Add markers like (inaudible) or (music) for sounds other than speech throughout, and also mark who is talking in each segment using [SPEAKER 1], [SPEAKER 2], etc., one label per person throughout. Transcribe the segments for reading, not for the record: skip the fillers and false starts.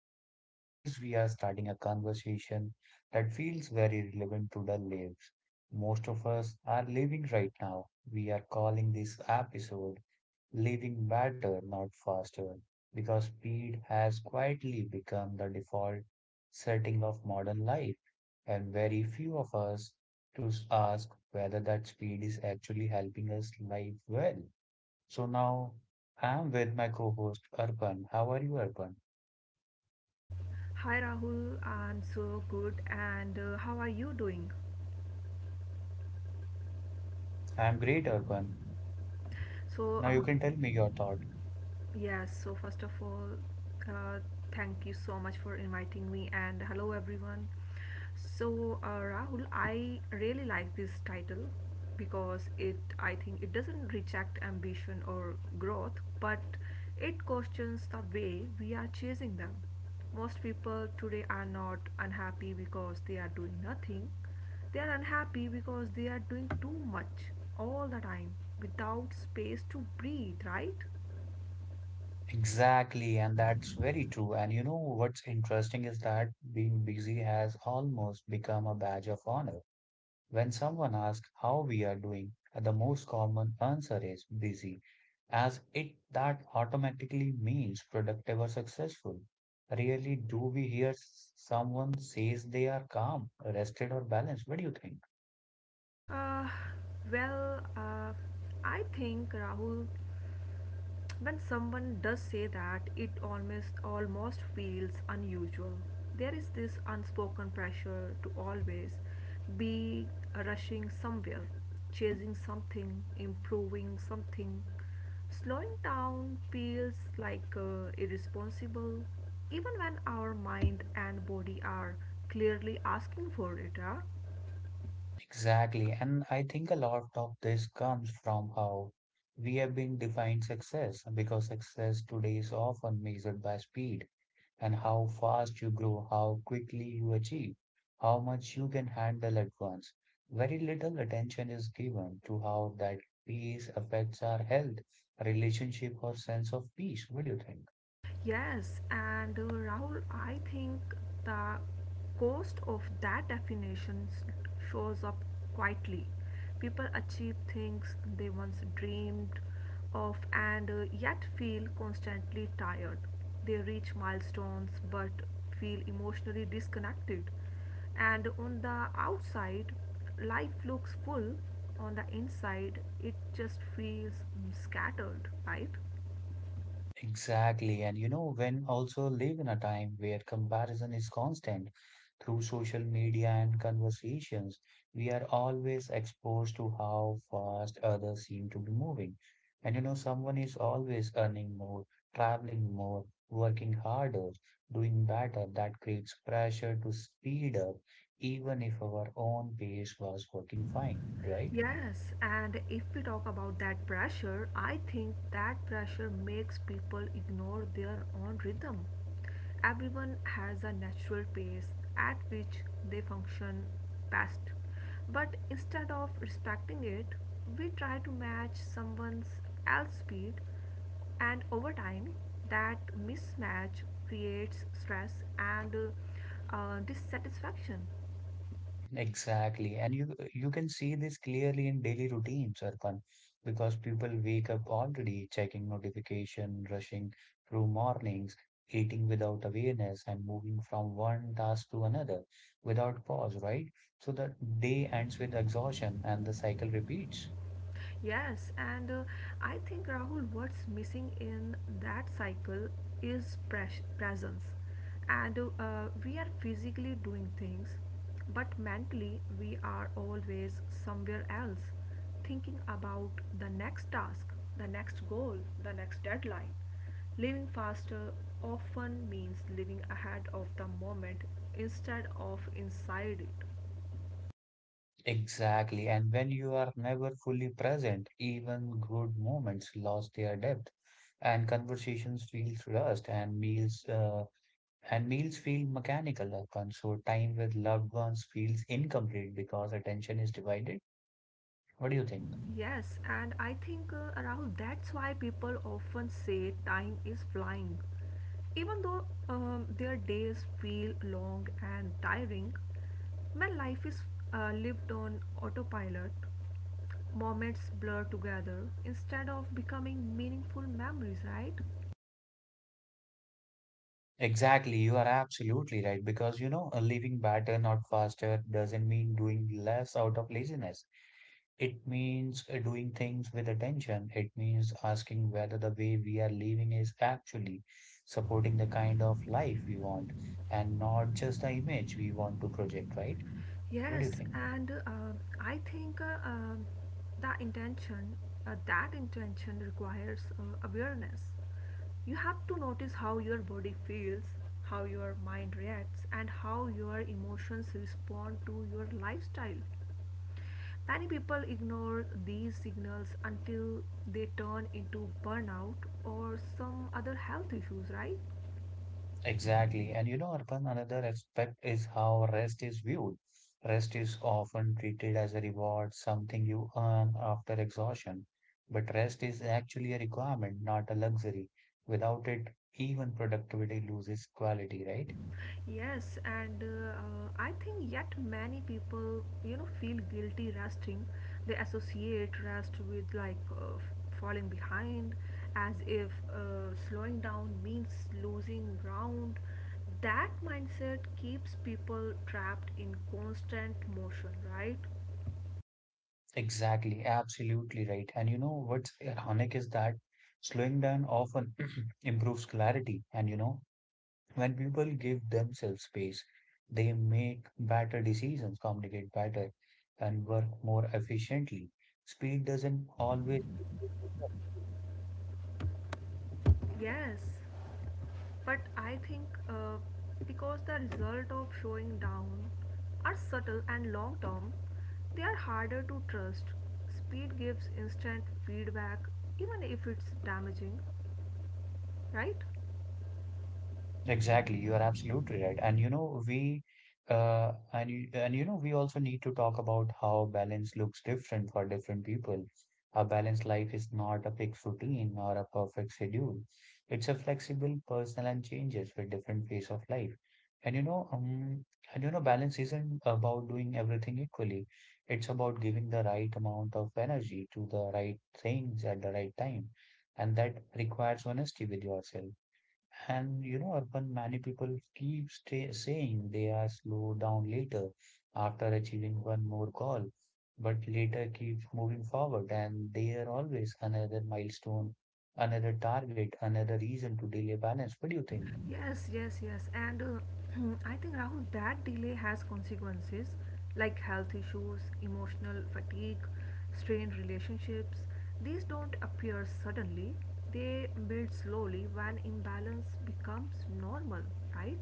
[SPEAKER 1] Rahul, and today's we are starting a conversation that feels very relevant to the lives most of us are living right now. We are calling this episode Living Better, Not Faster, because speed has quietly become the default setting of modern life, and very few of us to ask whether that speed is actually helping us live well. So now I'm with my co-host Urban. How are you, Urban?
[SPEAKER 2] Hi Rahul, I'm so good and how are you doing?
[SPEAKER 1] I'm great, Urban. Now
[SPEAKER 2] So,
[SPEAKER 1] you can tell me your thought.
[SPEAKER 2] Yes, so first of all, uh, thank you so much for inviting me, and hello everyone. So, Rahul, I really like this title because it, I think, it doesn't reject ambition or growth, but it questions the way we are chasing them. Most people today are not unhappy because they are doing nothing. They are unhappy because they are doing too much all the time without space to breathe, right?
[SPEAKER 1] Exactly, and that's very true. And you know what's interesting is that being busy has almost become a badge of honor. When someone asks how we are doing, the most common answer is busy, as it that automatically means productive or successful. Rarely do we hear someone says they are calm, rested, or balanced. What do you think?
[SPEAKER 2] Uh, well, uh, I think Rahul, when someone does say that, it almost feels unusual. There is this unspoken pressure to always be rushing somewhere, chasing something, improving something. Slowing down feels like irresponsible, even when our mind and body are clearly asking for it. Huh?
[SPEAKER 1] Exactly. And I think a lot of this comes from how we have been defined success, because success today is often measured by speed and how fast you grow, how quickly you achieve, how much you can handle at once. Very little attention is given to how that pace affects our health, relationship, or sense of peace. What do you think?
[SPEAKER 2] Yes, and Rahul, I think the cost of that shows up quietly. People achieve things they once dreamed of and yet feel constantly tired. They reach milestones but feel emotionally disconnected. And on the outside, life looks full. On the inside, it just feels scattered, right?
[SPEAKER 1] Exactly. And you know, when also live in a time where comparison is constant through social media and conversations, we are always exposed to how fast others seem to be moving. And you know, someone is always earning more, traveling more, working harder, doing better. That creates pressure to speed up, even if our own pace was working fine, right?
[SPEAKER 2] Yes, and if we talk about that pressure, I think that pressure makes people ignore their own rhythm. Everyone has a natural pace at which they function best. But instead of respecting it, we try to match someone's else speed and over time that mismatch creates stress and dissatisfaction.
[SPEAKER 1] Exactly. And you can see this clearly in daily routines, Arpan, because people wake up already checking notification, rushing through mornings, eating without awareness, and moving from one task to another without pause, right? So the day ends with exhaustion and the cycle repeats.
[SPEAKER 2] Yes, and I think Rahul, what's missing in that cycle is presence. And we are physically doing things, but mentally we are always somewhere else, thinking about the next task, the next goal, the next deadline. Living faster often means living ahead of the moment instead of inside it.
[SPEAKER 1] Exactly. And when you are never fully present, even good moments lost their depth, and conversations feel rushed, and meals feel mechanical often, so time with loved ones feels incomplete because attention is divided. What do you think?
[SPEAKER 2] Yes, and I think around that's why people often say time is flying. Even though their days feel long and tiring, when life is lived on autopilot, moments blur together instead of becoming meaningful memories, right?
[SPEAKER 1] Exactly, you are absolutely right, because you know, a living better, not faster, doesn't mean doing less out of laziness. It means doing things with attention. It means asking whether the way we are living is actually supporting the kind of life we want and not just the image we want to project, right? What do you
[SPEAKER 2] Yes,
[SPEAKER 1] think?
[SPEAKER 2] and I think the intention, that intention requires awareness. You have to notice how your body feels, how your mind reacts, and how your emotions respond to your lifestyle. Many people ignore these signals until they turn into burnout or some other health issues, right?
[SPEAKER 1] Exactly. And you know, Arpan, another aspect is how rest is viewed. Rest is often treated as a reward, something you earn after exhaustion. But rest is actually a requirement, not a luxury. Without it, even productivity loses quality, right?
[SPEAKER 2] Yes, and I think yet many people, you know, feel guilty resting. They associate rest with like falling behind, as if slowing down means losing ground. That mindset keeps people trapped in constant motion, right?
[SPEAKER 1] Exactly. Absolutely right. And you know what's ironic is that slowing down often (clears throat) improves clarity. And you know, when people give themselves space, they make better decisions, communicate better, and work more efficiently. Speed doesn't always equal.
[SPEAKER 2] Yes. But I think because the result of showing down are subtle and long term, they are harder to trust. Speed gives instant feedback, even if it's damaging, right?
[SPEAKER 1] Exactly, you are absolutely right. And you know, we also need to talk about how balance looks different for different people. A balanced life is not a fixed routine or a perfect schedule. It's a flexible, personal, and changes with different phase of life. And you know, um, Balance isn't about doing everything equally. It's about giving the right amount of energy to the right things at the right time, and that requires honesty with yourself. And you know, Arpan, many people keep stay saying they are slow down later after achieving one more goal, but later keep moving forward, and there always another milestone, another target, another reason to delay balance. What do you think?
[SPEAKER 2] Yes, yes, yes. And (clears throat) I think Rahul, that delay has consequences like health issues, emotional fatigue, strained relationships. These don't appear suddenly, they build slowly when imbalance becomes normal, right?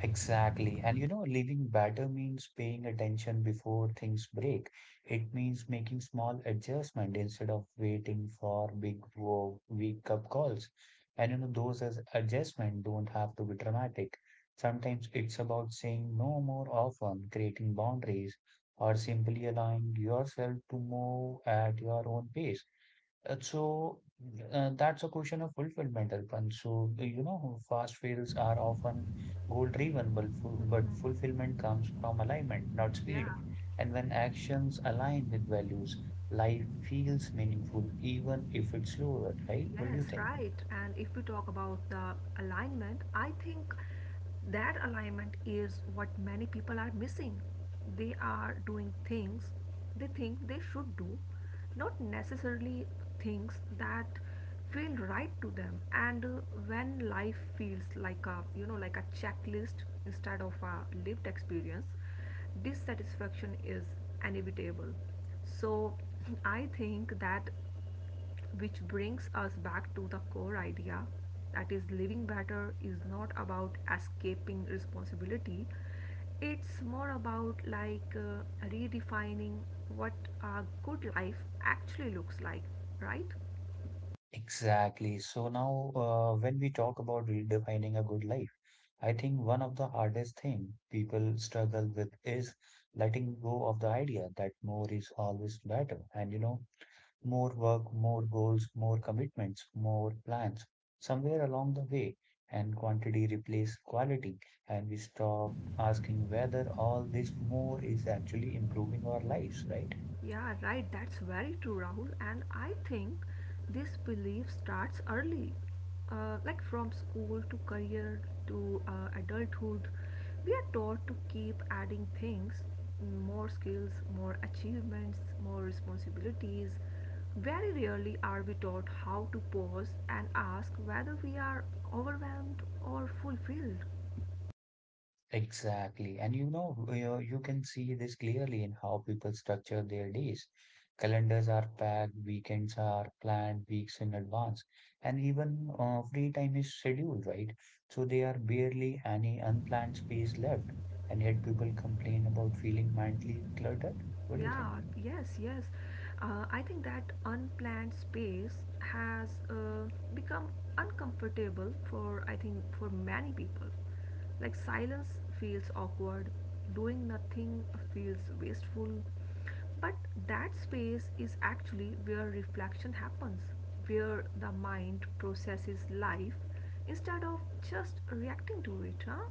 [SPEAKER 1] Exactly. And you know, living better means paying attention before things break. It means making small adjustment instead of waiting for big wake up calls. And you know, those as adjustment don't have to be dramatic. Sometimes it's about saying no more often, creating boundaries, or simply allowing yourself to move at your own pace. So that's a question of fulfillment, Arpan. So you know, fast fails are often goal-driven, but fulfillment comes from alignment, not speed.
[SPEAKER 2] Yeah,
[SPEAKER 1] And when actions align with values, life feels meaningful, even if it's slower, right? What do you
[SPEAKER 2] yes,
[SPEAKER 1] think?
[SPEAKER 2] right. And if we talk about the alignment, I think that alignment is what many people are missing. They are doing things they think they should do, not necessarily things that feel right to them. And when life feels like a, you know, like a checklist instead of a lived experience, dissatisfaction is inevitable. So (clears throat) I think that Which brings us back to the core idea that is, living better is not about escaping responsibility, it's more about like redefining what a good life actually looks like, right?
[SPEAKER 1] Exactly. So now, when we talk about redefining a good life, I think one of the hardest thing people struggle with is letting go of the idea that more is always better. And you know, more work, more goals, more commitments, more plans somewhere along the way, and quantity replaces quality, and we stop asking whether all this more is actually improving our lives, right?
[SPEAKER 2] Yeah, right, that's very true, Rahul. And I think this belief starts early, like from school to career to adulthood. We are taught to keep adding things more skills, more achievements, more responsibilities. Very rarely are we taught how to pause and ask whether we are overwhelmed or fulfilled.
[SPEAKER 1] Exactly. And you know, you can see this clearly in how people structure their days. Calendars are packed, weekends are planned weeks in advance, and even free time is scheduled, right? So there are barely any unplanned space left, and yet people complain about feeling mentally cluttered. What do you think?
[SPEAKER 2] Yeah, yes, yes. I think that unplanned space has become uncomfortable for, I think, for many people. Like silence feels awkward, doing nothing feels wasteful. But that space is actually where reflection happens, where the mind processes life instead of just reacting to it, huh?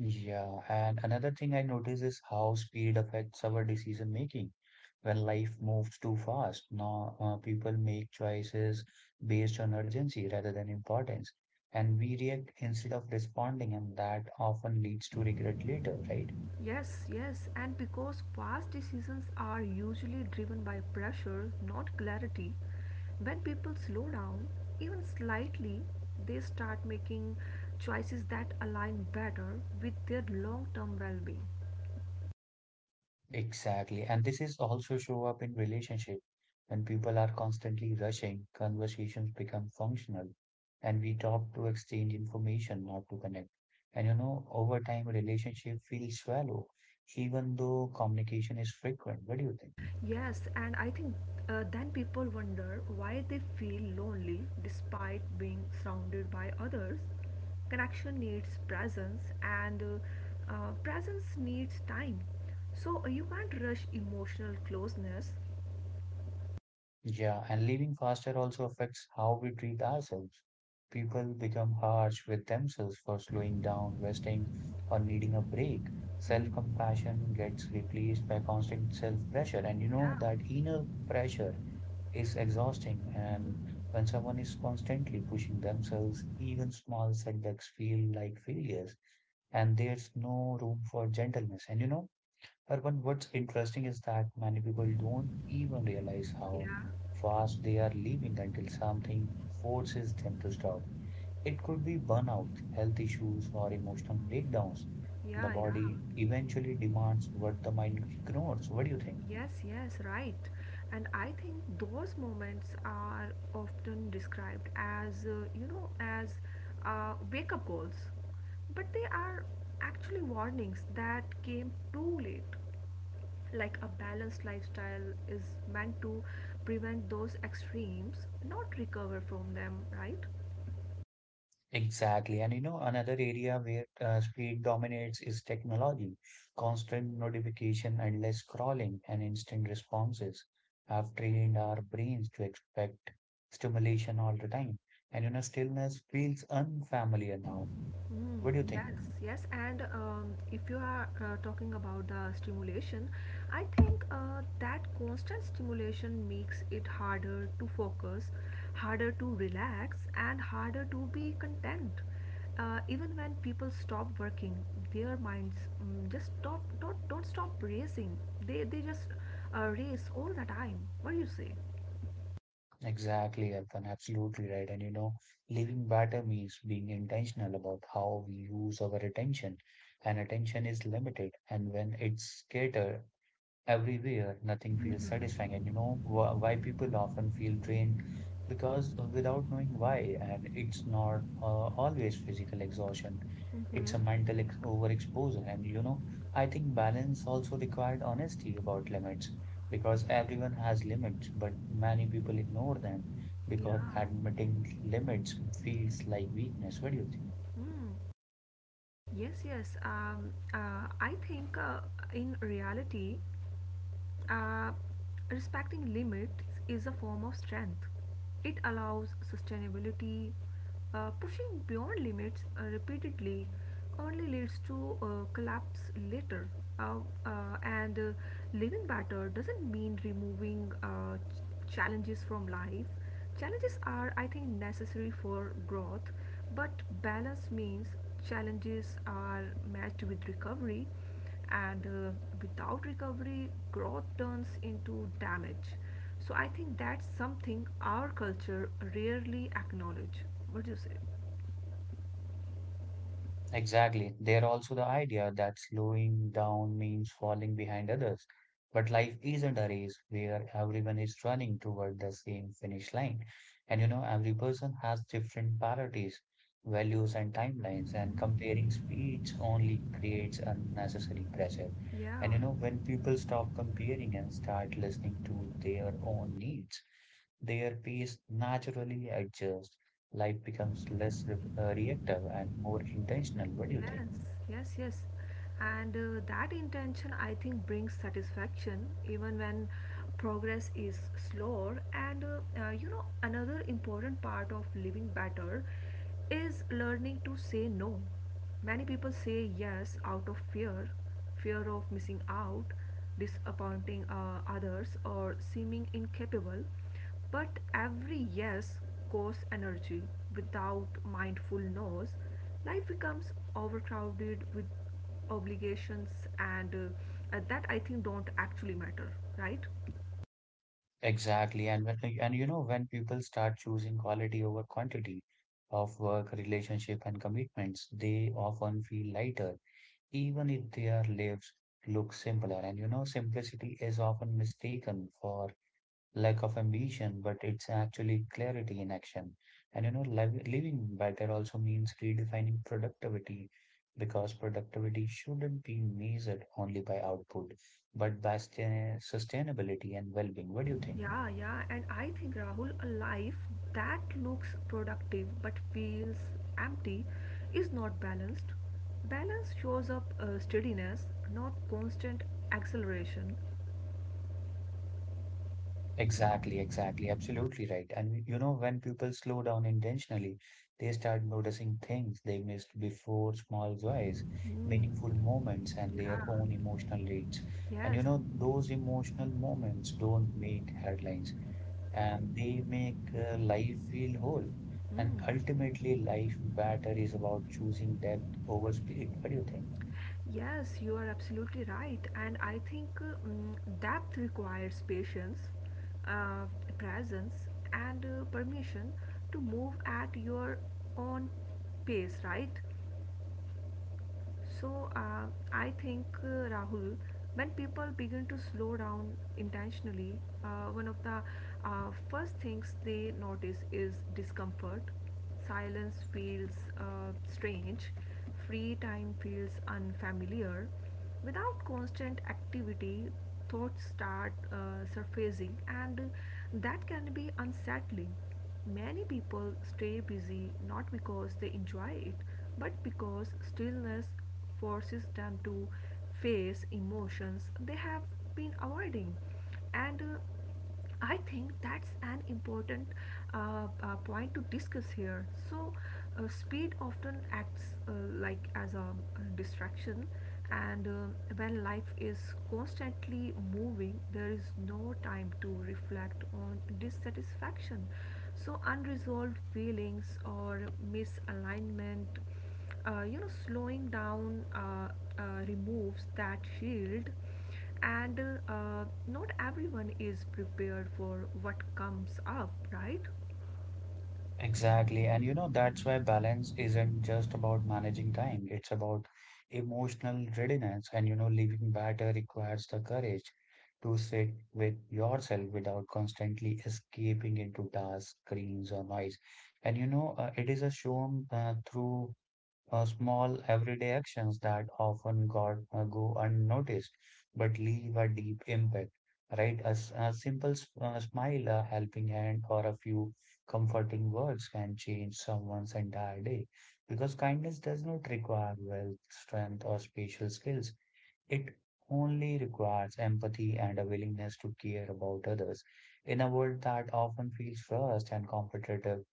[SPEAKER 1] Yeah, and another thing I notice is how speed affects our decision making. When life moves too fast, now people make choices based on urgency rather than importance, and we react instead of responding, and that often leads to regret later, right?
[SPEAKER 2] Yes, yes, and because fast decisions are usually driven by pressure, not clarity, when people slow down, even slightly, they start making choices that align better with their long term well being.
[SPEAKER 1] Exactly. And this is also show up in relationship. When people are constantly rushing, conversations become functional and we talk to exchange information, not to connect. And you know, over time, relationship feels shallow, even though communication is frequent. What do you think?
[SPEAKER 2] Yes, and I think then people wonder why they feel lonely despite being surrounded by others. Connection needs presence, and presence needs time. So you can't rush emotional closeness.
[SPEAKER 1] Yeah, and living faster also affects how we treat ourselves. People become harsh with themselves for slowing down, resting, or needing a break. Self-compassion gets replaced by constant self-pressure. And you know
[SPEAKER 2] Yeah,
[SPEAKER 1] that inner pressure is exhausting. And when someone is constantly pushing themselves, even small setbacks feel like failures. And there's no room for gentleness. And you know, Urban, what's interesting is that many people don't even realize how
[SPEAKER 2] yeah,
[SPEAKER 1] fast they are leaving until something forces them to stop. It could be burnout, health issues, or emotional breakdowns. The
[SPEAKER 2] yeah, yeah.
[SPEAKER 1] body eventually demands what the mind ignores. What do you think?
[SPEAKER 2] Yes, yes, right. And I think those moments are often described as, you know, as wake up calls. But they are actually warnings that came too late. Like a balanced lifestyle is meant to prevent those extremes, not recover from them, right?
[SPEAKER 1] Exactly. And you know, another area where speed dominates is technology. Constant notification, endless scrolling, and instant responses have trained our brains to expect stimulation all the time. And you know, stillness feels unfamiliar now.
[SPEAKER 2] Mm,
[SPEAKER 1] What do you think?
[SPEAKER 2] yes, yes, and if you are talking about the stimulation, I think that constant stimulation makes it harder to focus, harder to relax, and harder to be content. Even when people stop working, their minds mm just stop don't stop racing. They just race all the time. What do you say?
[SPEAKER 1] Exactly, Arpan. Absolutely right. And you know, living better means being intentional about how we use our attention. And attention is limited. And when it's scattered, everywhere. Nothing feels satisfying. And you know wh why people often feel drained? Because without knowing why, and it's not always physical exhaustion. It's a
[SPEAKER 2] Mm-hmm.
[SPEAKER 1] mental ex overexposure. And you know, I think balance also required honesty about limits, because everyone has limits, but many people ignore them
[SPEAKER 2] Yeah.
[SPEAKER 1] because admitting limits feels like weakness. What do you think?
[SPEAKER 2] Mm. Yes, yes. I think in reality, uh, respecting limits is a form of strength. It allows sustainability. Pushing beyond limits repeatedly only leads to collapse later. Uh, and Living better doesn't mean removing challenges from life. Challenges are, I think, necessary for growth, but balance means challenges are matched with recovery and without recovery growth turns into damage. So I think that's something our culture rarely acknowledge. What do you say?
[SPEAKER 1] Exactly. There also the idea that slowing down means falling behind others. But life isn't a race where everyone is running toward the same finish line. And you know, every person has different priorities, values, and timelines, and comparing speeds only creates unnecessary pressure. And
[SPEAKER 2] Yeah.
[SPEAKER 1] you know, when people stop comparing and start listening to their own needs, their pace naturally adjusts. Life becomes less reactive and more intentional. What do you think?
[SPEAKER 2] Yes, yes, yes. And that intention, I think, brings satisfaction even when progress is slower. And you know, another important part of living better is learning to say no. Many people say yes out of fear fear of missing out, disappointing others, or seeming incapable. But every yes costs energy. Without mindful no's, life becomes overcrowded with obligations and that I think don't actually matter, right?
[SPEAKER 1] Exactly. And you know, when people start choosing quality over quantity of work, relationship, and commitments, they often feel lighter, even if their lives look simpler. And you know, simplicity is often mistaken for lack of ambition, but it's actually clarity in action. And you know, living better also means redefining productivity, because productivity shouldn't be measured only by output, but by sustainability and well-being. What do you think?
[SPEAKER 2] Yeah, yeah, and I think Rahul, a life that looks productive but feels empty is not balanced. Balance shows up steadiness, not constant acceleration.
[SPEAKER 1] Exactly, exactly. Absolutely right. And you know, when people slow down intentionally, they start noticing things they missed before, small joys, meaningful moments, and their
[SPEAKER 2] Yeah,
[SPEAKER 1] own emotional needs. And you
[SPEAKER 2] yes.
[SPEAKER 1] know, those emotional moments don't make headlines and they make life feel whole. And
[SPEAKER 2] Mm.
[SPEAKER 1] ultimately, life better is about choosing depth over speed. What do you think?
[SPEAKER 2] Yes, you are absolutely right. And I think depth requires patience, uh, presence, and permission to move at your own pace, right? So I think Rahul, when people begin to slow down intentionally, one of the first things they notice is discomfort. Silence feels strange. Free time feels unfamiliar. Without constant activity, thoughts start surfacing, and that can be unsettling. Many people stay busy not because they enjoy it, but because stillness forces them to face emotions they have been avoiding. And I think that's an important point to discuss here. So, speed often acts like as a, distraction, and when life is constantly moving, there is no time to reflect on dissatisfaction, so unresolved feelings or misalignment, you know, slowing down removes that shield and not everyone is prepared for what comes up, right?
[SPEAKER 1] Exactly. And you know, that's why balance isn't just about managing time, it's about emotional readiness. And you know, living better requires the courage to sit with yourself without constantly escaping into tasks, screens, or noise. And you know, it is a shown through small everyday actions that often got, go unnoticed but leave a deep impact, right? A, a simple smile, a helping hand, or a few comforting words can change someone's entire day, because kindness does not require wealth, strength, or special skills. It only requires empathy and a willingness to care about others. In a world that often feels rushed and competitive,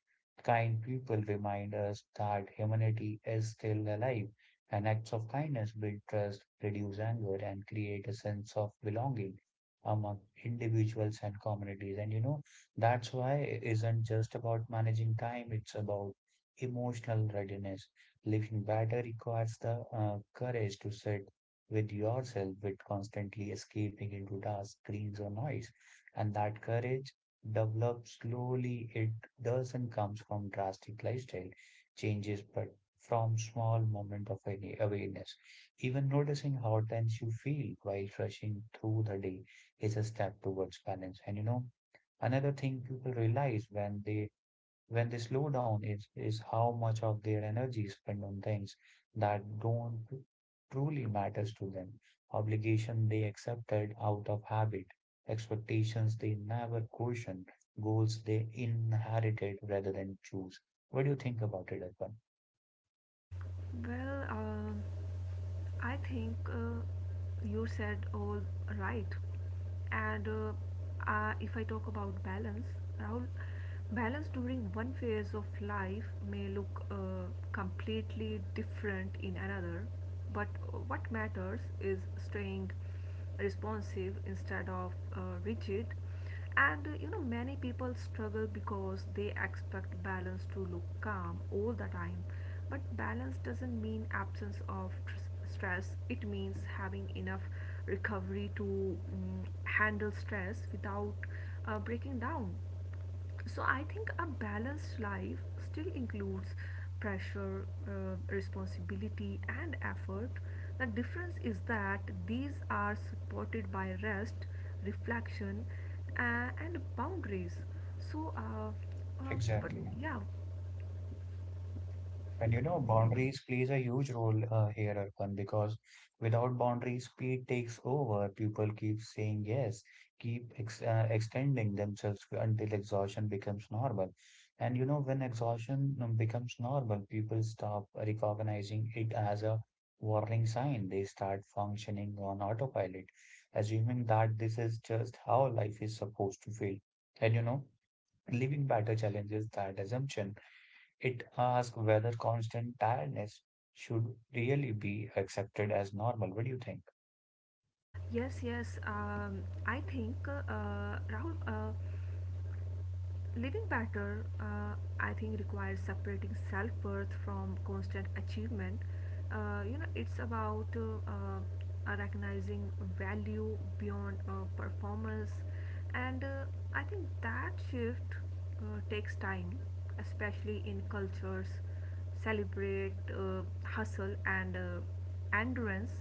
[SPEAKER 1] kind people remind us that humanity is still alive, and acts of kindness build trust, reduce anger, and create a sense of belonging among individuals and communities. And you know, that's why it isn't just about managing time, it's about emotional readiness. Living better requires the courage to sit with yourself with constantly escaping into dark screens or noise. And that courage develops slowly. It doesn't come from drastic lifestyle changes, but from small moment of any awareness. Even noticing how tense you feel while rushing through the day is a step towards balance. And you know, another thing people realize when they slow down, is how much of their energy is spent on things that don't truly matters to them, obligation they accepted out of habit, expectations they never questioned, goals they inherited rather than choose. What do you think about it, Arpan?
[SPEAKER 2] Well, I think you said all right. And if I talk about balance, Rahul, balance during one phase of life may look completely different in another, but what matters is staying responsive instead of rigid. And you know, many people struggle because they expect balance to look calm all the time, but balance doesn't mean absence of stress. It means having enough recovery to handle stress without breaking down. So I think a balanced life still includes pressure, responsibility and effort. The difference is that these are supported by rest, reflection, and boundaries. So but
[SPEAKER 1] Exactly.
[SPEAKER 2] yeah.
[SPEAKER 1] And you know, boundaries plays a huge role here, Arpan, because without boundaries, speed takes over. People keep saying yes, keep ex extending themselves until exhaustion becomes normal. And you know, when exhaustion becomes normal, people stop recognizing it as a warning sign. They start functioning on autopilot, assuming that this is just how life is supposed to feel. And you know, living better challenges that assumption. It asks whether constant tiredness should really be accepted as normal. What do you think?
[SPEAKER 2] Yes, yes, I think rahul living better, I think, requires separating self worth from constant achievement. You know, it's about recognizing value beyond performance, and I think that shift takes time, especially in cultures celebrate hustle and endurance.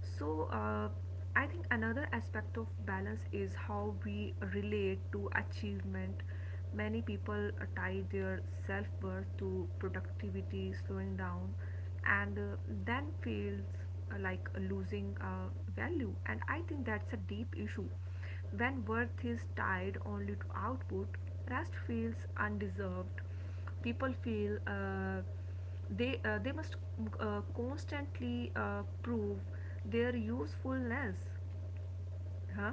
[SPEAKER 2] So, I think another aspect of balance is how we relate to achievement. Many people tie their self worth to productivity, slowing down, and then feels like losing value. And I think that's a deep issue. When worth is tied only to output, rest feels undeserved. People feel they must constantly prove their usefulness, huh?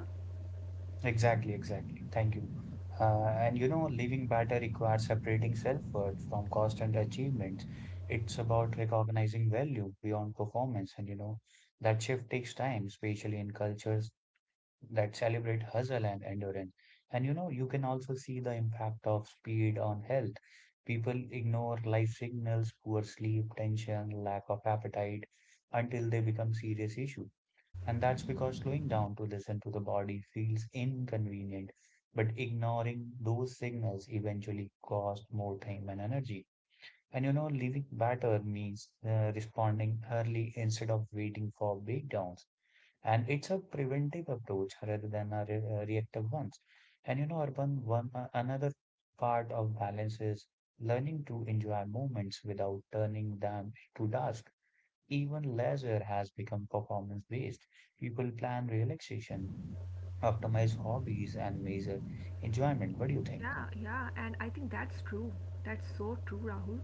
[SPEAKER 1] Exactly, exactly. Thank you. And you know, living better requires separating self-worth from constant achievements. It's about recognizing value beyond performance. And you know, that shift takes time, especially in cultures that celebrate hustle and endurance. And you know, you can also see the impact of speed on health. People ignore life signals, poor sleep, tension, lack of appetite until they become serious issue. And that's because slowing down to listen to the body feels inconvenient, but ignoring those signals eventually cost more time and energy. And you know, living better means responding early instead of waiting for breakdowns. And it's a preventive approach rather than a reactive ones. And you know, Urban, one another part of balance is learning to enjoy moments without turning them into task. Even leisure has become performance-based. People plan relaxation, optimize hobbies, and measure enjoyment. What do you think?
[SPEAKER 2] Yeah, yeah, and I think that's true, that's so true, Rahul.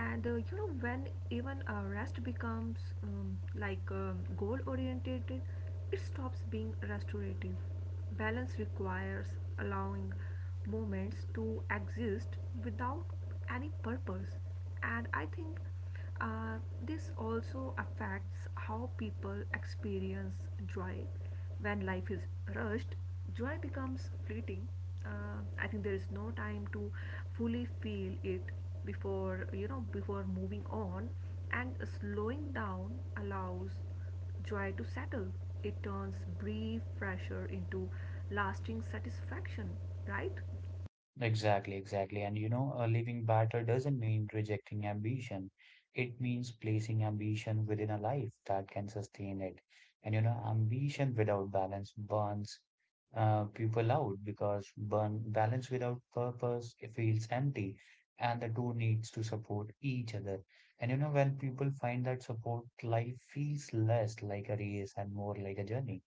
[SPEAKER 2] And you know, when even rest becomes goal oriented, it stops being restorative. Balance requires allowing moments to exist without any purpose. And I think Uh, this also affects how people experience joy. When life is rushed, joy becomes fleeting. I think there is no time to fully feel it before, you know, before moving on, and slowing down allows joy to settle. It turns brief pressure into lasting satisfaction. Right?
[SPEAKER 1] Exactly, exactly. And you know, a living battle doesn't mean rejecting ambition. It means placing ambition within a life that can sustain it. And you know, ambition without balance burns people out because burn balance without purpose, it feels empty, and the two needs to support each other. And you know, when people find that support, life feels less like a race and more like a journey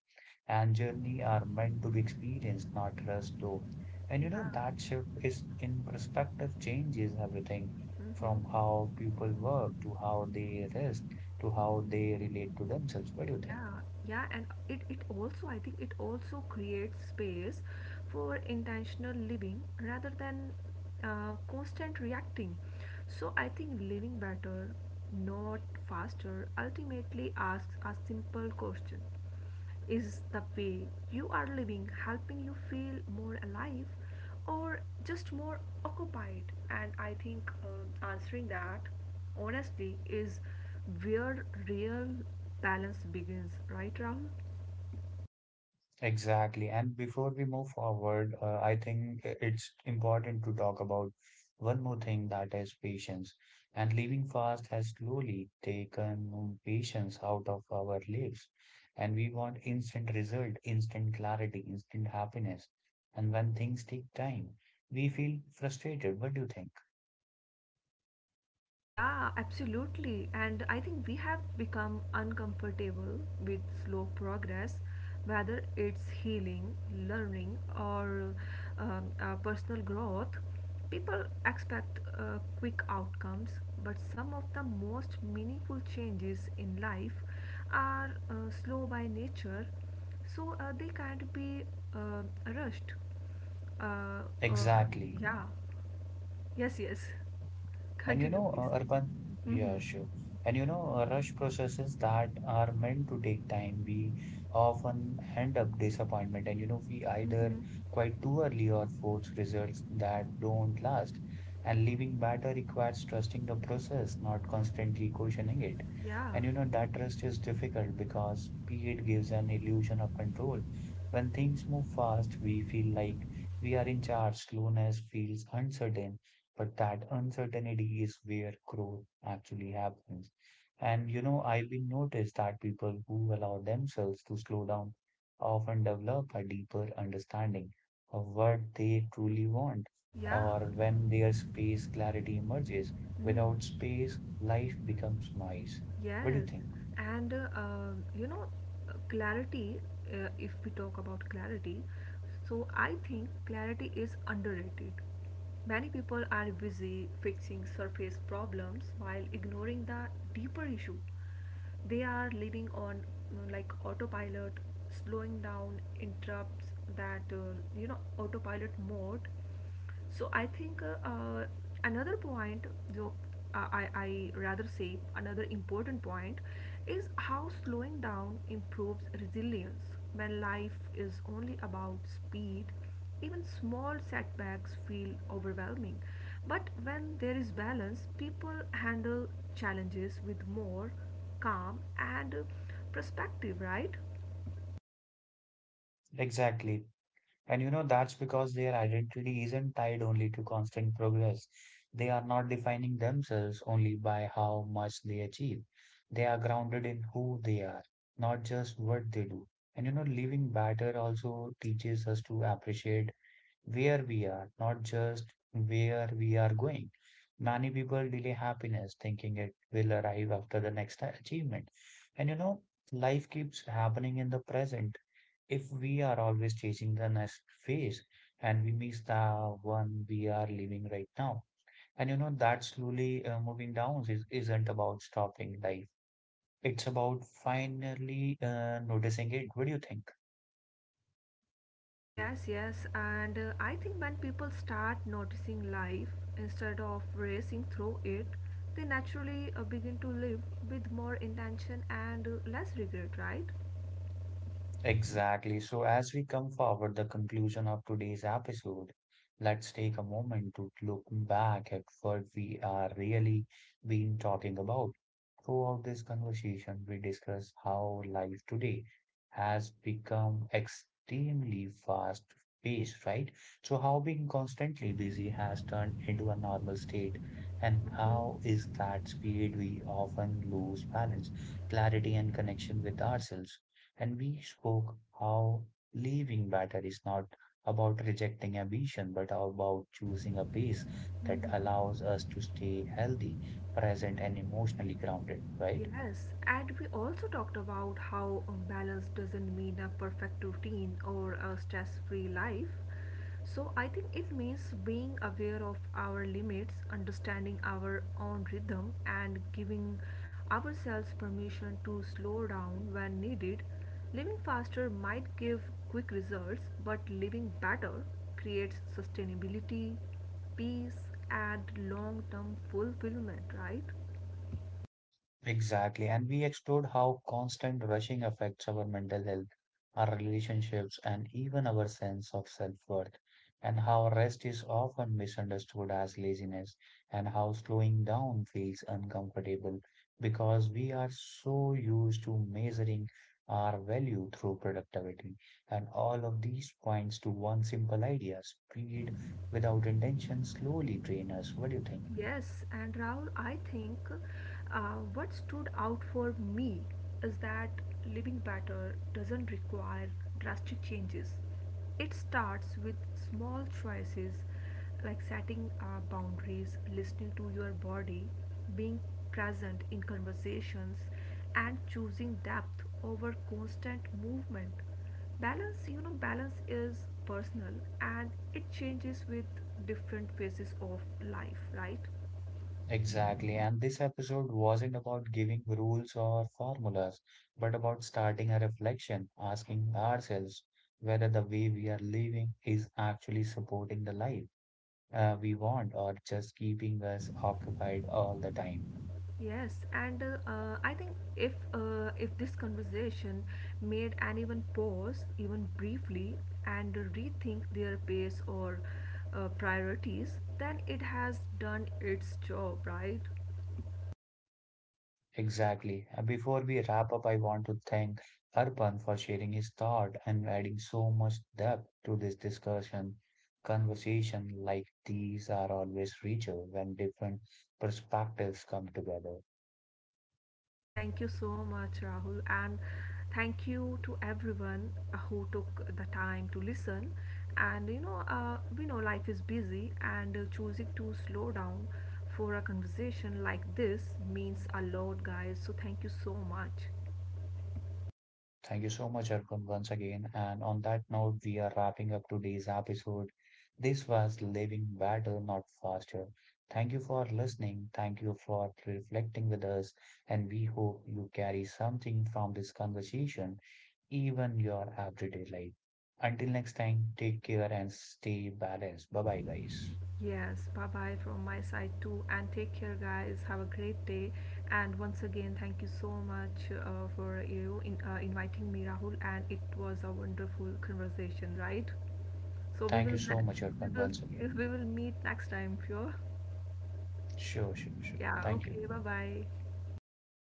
[SPEAKER 1] and journey are meant to be experienced, not rushed through. And
[SPEAKER 2] Yeah.
[SPEAKER 1] you know, that shift is in perspective changes everything from how people work to how they rest to how they relate to themselves. What do you think?
[SPEAKER 2] Yeah, yeah, and it also, I think, it also creates space for intentional living rather than constant reacting. So I think living better not faster ultimately asks a simple question: is the way you are living helping you feel more alive or just more occupied? And I think answering that honestly is where real balance begins, right, Rahul?
[SPEAKER 1] Exactly. And before we move forward, I think it's important to talk about one more thing that is patience. And living fast has slowly taken patience out of our lives. And we want instant result, instant clarity, instant happiness. And when things take time, we feel frustrated. What do you think?
[SPEAKER 2] Yeah, absolutely. And I think we have become uncomfortable with slow progress, whether it's healing, learning, or personal growth. People expect quick outcomes, but some of the most meaningful changes in life are slow by nature, so they can't be uh, rushed. Uh, uh,
[SPEAKER 1] Exactly.
[SPEAKER 2] yeah. Yes, yes. Continue, please.
[SPEAKER 1] Arpan,
[SPEAKER 2] Mm-hmm.
[SPEAKER 1] yeah, sure. And you know, rush processes that are meant to take time, we often end up disappointment. And you know, we either
[SPEAKER 2] Mm-hmm.
[SPEAKER 1] quite too early or force results that don't last. And living better requires trusting the process, not constantly questioning it.
[SPEAKER 2] Yeah.
[SPEAKER 1] And you know, that trust is difficult because speed gives an illusion of control. When things move fast, we feel like we are in charge. Slowness feels uncertain but that uncertainty is where growth actually happens. And you know, I've been noticed that people who allow themselves to slow down often develop a deeper understanding of what they truly want,
[SPEAKER 2] Yeah.
[SPEAKER 1] or when their space clarity emerges. Without
[SPEAKER 2] Mm.
[SPEAKER 1] space, life becomes noise. What do you
[SPEAKER 2] Yes,
[SPEAKER 1] think?
[SPEAKER 2] and you know, uh, clarity, if we talk about clarity, so I think clarity is underrated. Many people are busy fixing surface problems while ignoring the deeper issue. They are living on like autopilot, slowing down interrupts that, you know, autopilot mode. So I think another point though I rather say another important point is how slowing down improves resilience. When life is only about speed, even small setbacks feel overwhelming, but when there is balance, people handle challenges with more calm and perspective, right?
[SPEAKER 1] Exactly. And you know, that's because their identity isn't tied only to constant progress. They are not defining themselves only by how much they achieve. They are grounded in who they are, not just what they do. And you know, living better also teaches us to appreciate where we are, not just where we are going. Many people delay happiness thinking it will arrive after the next achievement. And you know, life keeps happening in the present. If we are always chasing the next phase and we miss the one we are living right now. And you know, that slowly moving down isn't about stopping life. It's about finally noticing it. What do you think?
[SPEAKER 2] Yes, yes, and I think when people start noticing life instead of racing through it, they naturally begin to live with more intention and less regret, right?
[SPEAKER 1] Exactly. So, as we come forward the conclusion of today's episode, let's take a moment to look back at what we are really been talking about. Throughout this conversation, we discuss how life today has become extremely fast paced, right? So, how being constantly busy has turned into a normal state, and how is that speed we often lose balance, clarity, and connection with ourselves. And we spoke how living better is not about rejecting ambition, but about choosing a pace that allows us to stay healthy, present, and emotionally grounded, right?
[SPEAKER 2] Yes, and we also talked about how balance doesn't mean a perfect routine or a stress free life. So, I think it means being aware of our limits, understanding our own rhythm, and giving ourselves permission to slow down when needed. Living faster might give quick results, but living better creates sustainability, peace, and long term fulfillment, right?
[SPEAKER 1] Exactly. And we explored how constant rushing affects our mental health, our relationships, and even our sense of self-worth, and how rest is often misunderstood as laziness, and how slowing down feels uncomfortable because we are so used to measuring our value through productivity. And all of these points to one simple idea, speed without intention slowly drain us. What do you think?
[SPEAKER 2] Yes, and Rahul, I think what stood out for me is that living better doesn't require drastic changes. It starts with small choices like setting boundaries, listening to your body, being present in conversations, and choosing depth over constant movement. Balance, you know, balance is personal and it changes with different phases of life, right?
[SPEAKER 1] Exactly. And this episode wasn't about giving rules or formulas, but about starting a reflection, asking ourselves whether the way we are living is actually supporting the life we want or just keeping us occupied all the time.
[SPEAKER 2] Yes, and I think if this conversation made anyone pause even briefly and rethink their pace or priorities, then it has done its job, right?
[SPEAKER 1] Exactly. And before we wrap up, I want to thank Arpan for sharing his thought and adding so much depth to this discussion. Conversation like these are always richer when different perspectives come together.
[SPEAKER 2] Thank you so much, Rahul, and thank you to everyone who took the time to listen. And you know, we know life is busy, and choosing to slow down for a conversation like this means a lot, guys. So, thank you so much.
[SPEAKER 1] Thank you so much, Arpan, once again. And on that note, we are wrapping up today's episode. This was Living Better, Not Faster. Thank you for listening. Thank you for reflecting with us. And we hope you carry something from this conversation, even your everyday life. Until next time, take care and stay balanced. Bye bye, guys.
[SPEAKER 2] Yes, bye bye from my side too. And take care, guys. Have a great day. And once again, thank you so much for inviting me, Rahul. And it was a wonderful conversation, right? So we
[SPEAKER 1] Thank you
[SPEAKER 2] will
[SPEAKER 1] so
[SPEAKER 2] ne-
[SPEAKER 1] much,
[SPEAKER 2] we
[SPEAKER 1] Arpan,
[SPEAKER 2] will
[SPEAKER 1] once again.
[SPEAKER 2] we will meet next time, pure.
[SPEAKER 1] Sure, sure, sure.
[SPEAKER 2] Yeah,
[SPEAKER 1] Thank you.
[SPEAKER 2] okay, bye bye.